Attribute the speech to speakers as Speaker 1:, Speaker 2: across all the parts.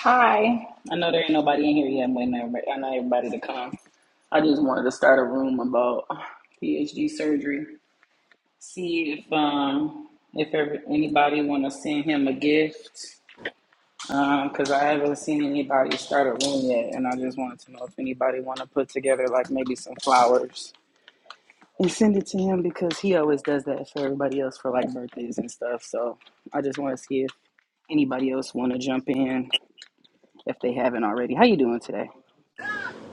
Speaker 1: Hi. I know there ain't nobody in here yet. I'm waiting on everybody. I know everybody to come. I just wanted to start a room about PhD surgery. See if um if ever, anybody want to send him a gift. Um, cause I haven't seen anybody start a room yet, and I just wanted to know if anybody want to put together like maybe some flowers and send it to him because he always does that for everybody else for like birthdays and stuff. So I just want to see if anybody else want to jump in if they haven't already. How you doing today?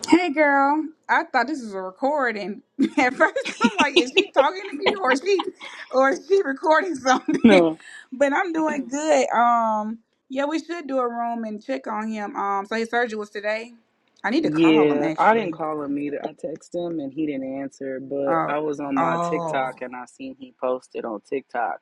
Speaker 2: Hey girl, I thought this was a recording. At first, I'm like, is she talking to me or is she or is she recording something?
Speaker 1: No.
Speaker 2: But I'm doing good. Um, yeah, we should do a room and check on him. Um, so his surgery was today. I need to call him
Speaker 1: Yeah, I didn't
Speaker 2: actually.
Speaker 1: call him either. I texted him and he didn't answer, but
Speaker 2: Oh,
Speaker 1: I was on my
Speaker 2: oh,
Speaker 1: TikTok and I seen he posted on TikTok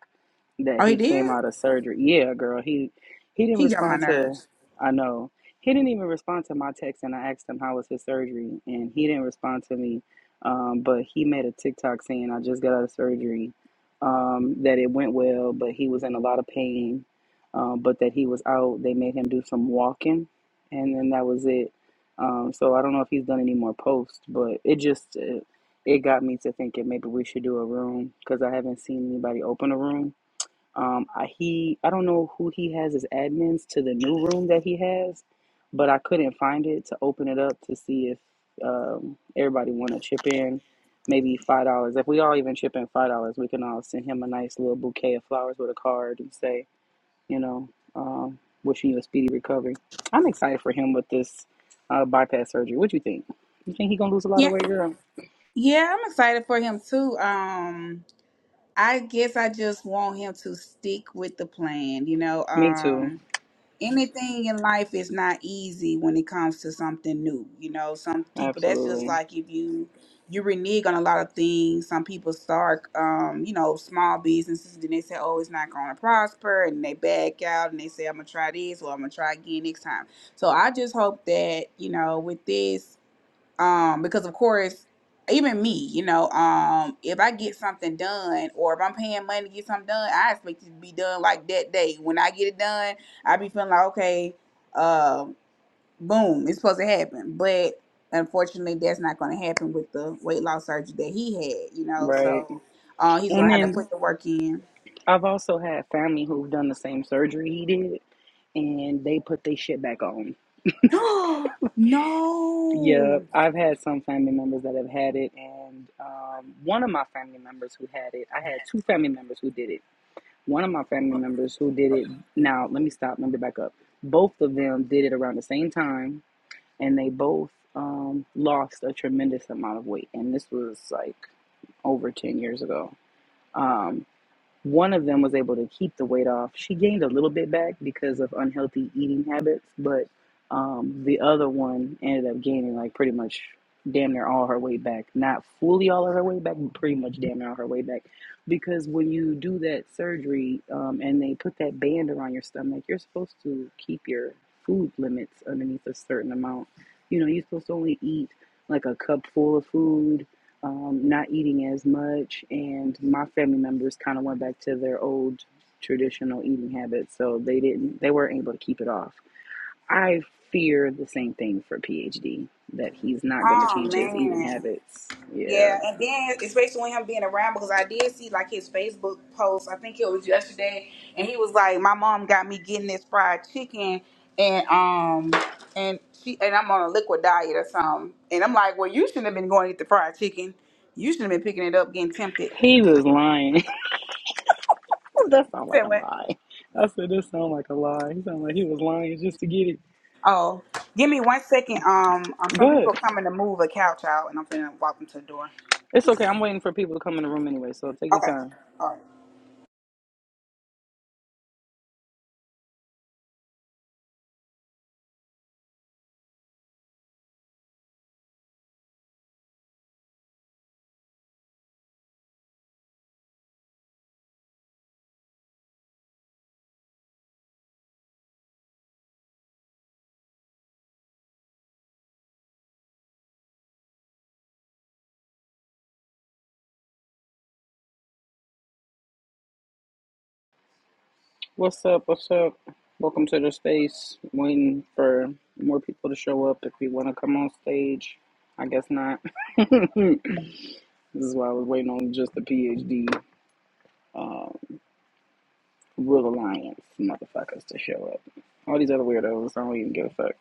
Speaker 1: that
Speaker 2: oh, he
Speaker 1: he came
Speaker 2: did.
Speaker 1: out of surgery. Yeah, girl, he he didn't
Speaker 2: He got my
Speaker 1: respond to
Speaker 2: nerves.
Speaker 1: I know. He didn't even respond to my text and I asked him how was his surgery and he didn't respond to me. Um, but he made a TikTok saying I just got out of surgery. Um, that it went well, but he was in a lot of pain. Um, but that he was out. They made him do some walking and then that was it um, so I don't know if he's done any more posts, but it just it, it got me to thinking maybe we should do a room because I haven't seen anybody open a room. Um, I, he I don't know who he has as admins to the new room that he has, but I couldn't find it to open it up to see if um, everybody want to chip in. Maybe five dollars. If we all even chip in five dollars, we can all send him a nice little bouquet of flowers with a card and say, you know, um, wishing you a speedy recovery. I'm excited for him with this uh, bypass surgery. What do you think? You think he gonna lose a lot of
Speaker 2: Yeah,
Speaker 1: weight, girl?
Speaker 2: yeah, I'm excited for him too. Um, I guess I just want him to stick with the plan. You know,
Speaker 1: Me too.
Speaker 2: um anything in life is not easy when it comes to something new. You know, some people that's just
Speaker 1: Absolutely.
Speaker 2: like if you you renege on a lot of things. Some people start, um, you know, small businesses, then they say, "Oh, it's not going to prosper," and they back out and they say, "I'm gonna try this or I'm gonna try again next time." So I just hope that you know, with this um because of course even me you know um if i get something done or if i'm paying money to get something done i expect it to be done like that day when i get it done i be feeling like okay um boom it's supposed to happen but unfortunately that's not going to happen with the weight loss surgery that he had you know
Speaker 1: Right.
Speaker 2: so uh, he's going
Speaker 1: And
Speaker 2: to have to
Speaker 1: then
Speaker 2: put the work in
Speaker 1: I've also had family who've done the same surgery he did, and they put their shit back on. Yep.
Speaker 2: no
Speaker 1: I've had some family members that have had it, and um, one of my family members who had it, I had two family members who did it One of my family members who did it. Now let me stop. Let me back up. Both of them did it around the same time, and they both um, lost a tremendous amount of weight. And this was like over ten years ago. Um, one of them was able to keep the weight off. She gained a little bit back because of unhealthy eating habits, but um, the other one ended up gaining like pretty much damn near all her weight back. Not fully all of her weight back, but pretty much damn near all her weight back. Because when you do that surgery um, and they put that band around your stomach, you're supposed to keep your food limits underneath a certain amount. You know, you're supposed to only eat like a cup full of food um, not eating as much, and my family members kind of went back to their old traditional eating habits, so they didn't they weren't able to keep it off. I fear the same thing for PhD that he's not going to
Speaker 2: oh
Speaker 1: change his eating
Speaker 2: man
Speaker 1: habits. Yeah,
Speaker 2: Yeah, and then especially when him being around because I did see like his Facebook post. I think it was yesterday, and he was like, "My mom got me getting this fried chicken, and um, and she and I'm on a liquid diet or something." And I'm like, "Well, you shouldn't have been going to eat the fried chicken. You shouldn't have been picking it up, getting tempted."
Speaker 1: he was lying. that
Speaker 2: You
Speaker 1: sounds
Speaker 2: said
Speaker 1: like a
Speaker 2: what?
Speaker 1: lie. I said that sounds like a lie. He sounded like he was lying just to get it.
Speaker 2: Oh, give me one second. Um, um some
Speaker 1: Go ahead.
Speaker 2: people are coming to move a couch out, and I'm gonna walk them to the door.
Speaker 1: It's okay. I'm waiting for people to come in the room anyway, so take your
Speaker 2: Okay,
Speaker 1: time.
Speaker 2: all right.
Speaker 1: What's up? What's up? Welcome to the space. Waiting for more people to show up if we want to come on stage. I guess not. this is why I was waiting on just the PhD uh, Real Alliance motherfuckers to show up. All these other weirdos, I don't even give a fuck.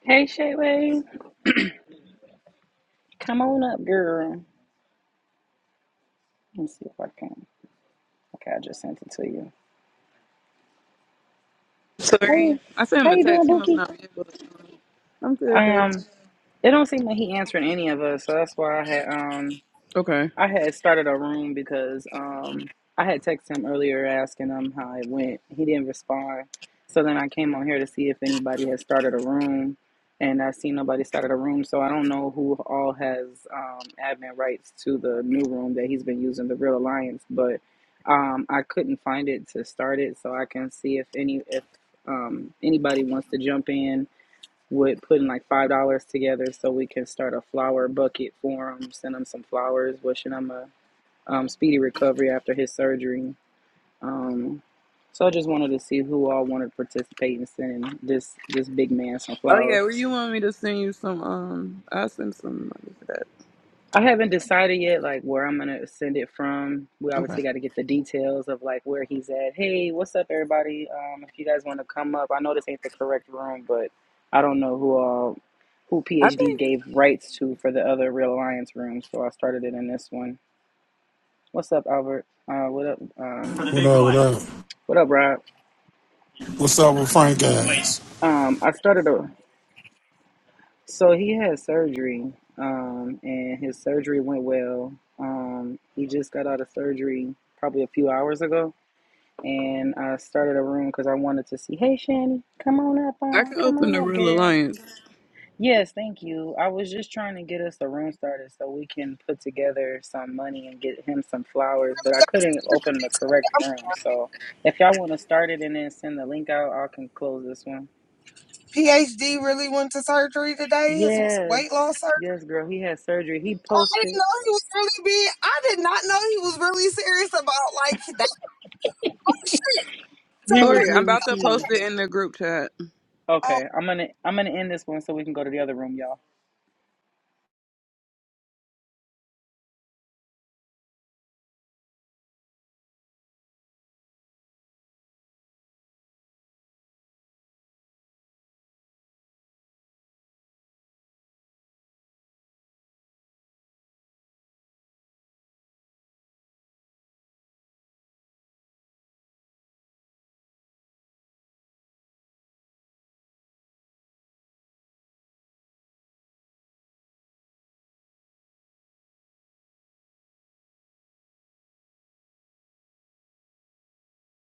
Speaker 1: Hey, Shayway, come on up, girl. Let me see if I can. Okay, I just sent it to you. How you?
Speaker 3: Sorry. I sent
Speaker 1: How
Speaker 3: him a
Speaker 1: you doing,
Speaker 3: text. He must
Speaker 1: Bookie?
Speaker 3: not be able to. I'm good, baby.
Speaker 1: Um, it don't seem like he answering any of us, so that's why I had um
Speaker 3: Okay.
Speaker 1: I had started a room because um, I had texted him earlier asking him how it went. He didn't respond. So then I came on here to see if anybody had started a room, and I see nobody started a room. So I don't know who all has um, admin rights to the new room that he's been using, the Real Alliance. But um, I couldn't find it to start it, so I can see if any if um, anybody wants to jump in with putting like five dollars together so we can start a flower bucket for him. Send him some flowers, wishing him a um, speedy recovery after his surgery. Um, so I just wanted to see who all wanted to participate in sending this this big man some
Speaker 3: Oh
Speaker 1: flowers.
Speaker 3: yeah, where you want me to send you some? Um, I'll send some money for that.
Speaker 1: I haven't decided yet, like where I'm gonna send it from. We
Speaker 3: Okay.
Speaker 1: obviously got to get the details of like where he's at. Hey, what's up, everybody? Um, if you guys want to come up, I know this ain't the correct room, but I don't know who all who
Speaker 3: I
Speaker 1: PhD
Speaker 3: think
Speaker 1: gave rights to for the other Real Alliance room, so I started it in this one. What's up, Albert? Uh, what up? Um,
Speaker 4: What up, what up?
Speaker 1: what up, Rob?
Speaker 4: What's up with Frank guys?
Speaker 1: Um, I started a. So he had surgery, um, and his surgery went well. Um, he just got out of surgery probably a few hours ago and I started a room because I wanted to see. Hey, Shani, come on up,
Speaker 3: I
Speaker 1: uh,
Speaker 3: can
Speaker 1: come
Speaker 3: open
Speaker 1: on
Speaker 3: the
Speaker 1: up,
Speaker 3: Real
Speaker 1: girl.
Speaker 3: Alliance.
Speaker 1: Yes, thank you. I was just trying to get us a room started so we can put together some money and get him some flowers, but I couldn't open the correct room. So if y'all want to start it and then send the link out, I can close this one.
Speaker 5: PhD really went to surgery today. His weight loss
Speaker 1: Yes,
Speaker 5: surgery.
Speaker 1: yes, girl. He had surgery. He
Speaker 5: Oh, I didn't
Speaker 1: posted.
Speaker 5: know he was really big. I did not know he was really serious about like that. So,
Speaker 1: He was
Speaker 3: Tori, I'm
Speaker 1: really
Speaker 3: about to
Speaker 1: serious.
Speaker 3: post it in the group chat.
Speaker 5: oh,
Speaker 1: Okay, I'm gonna I'm gonna end this one so we can go to the other room, y'all.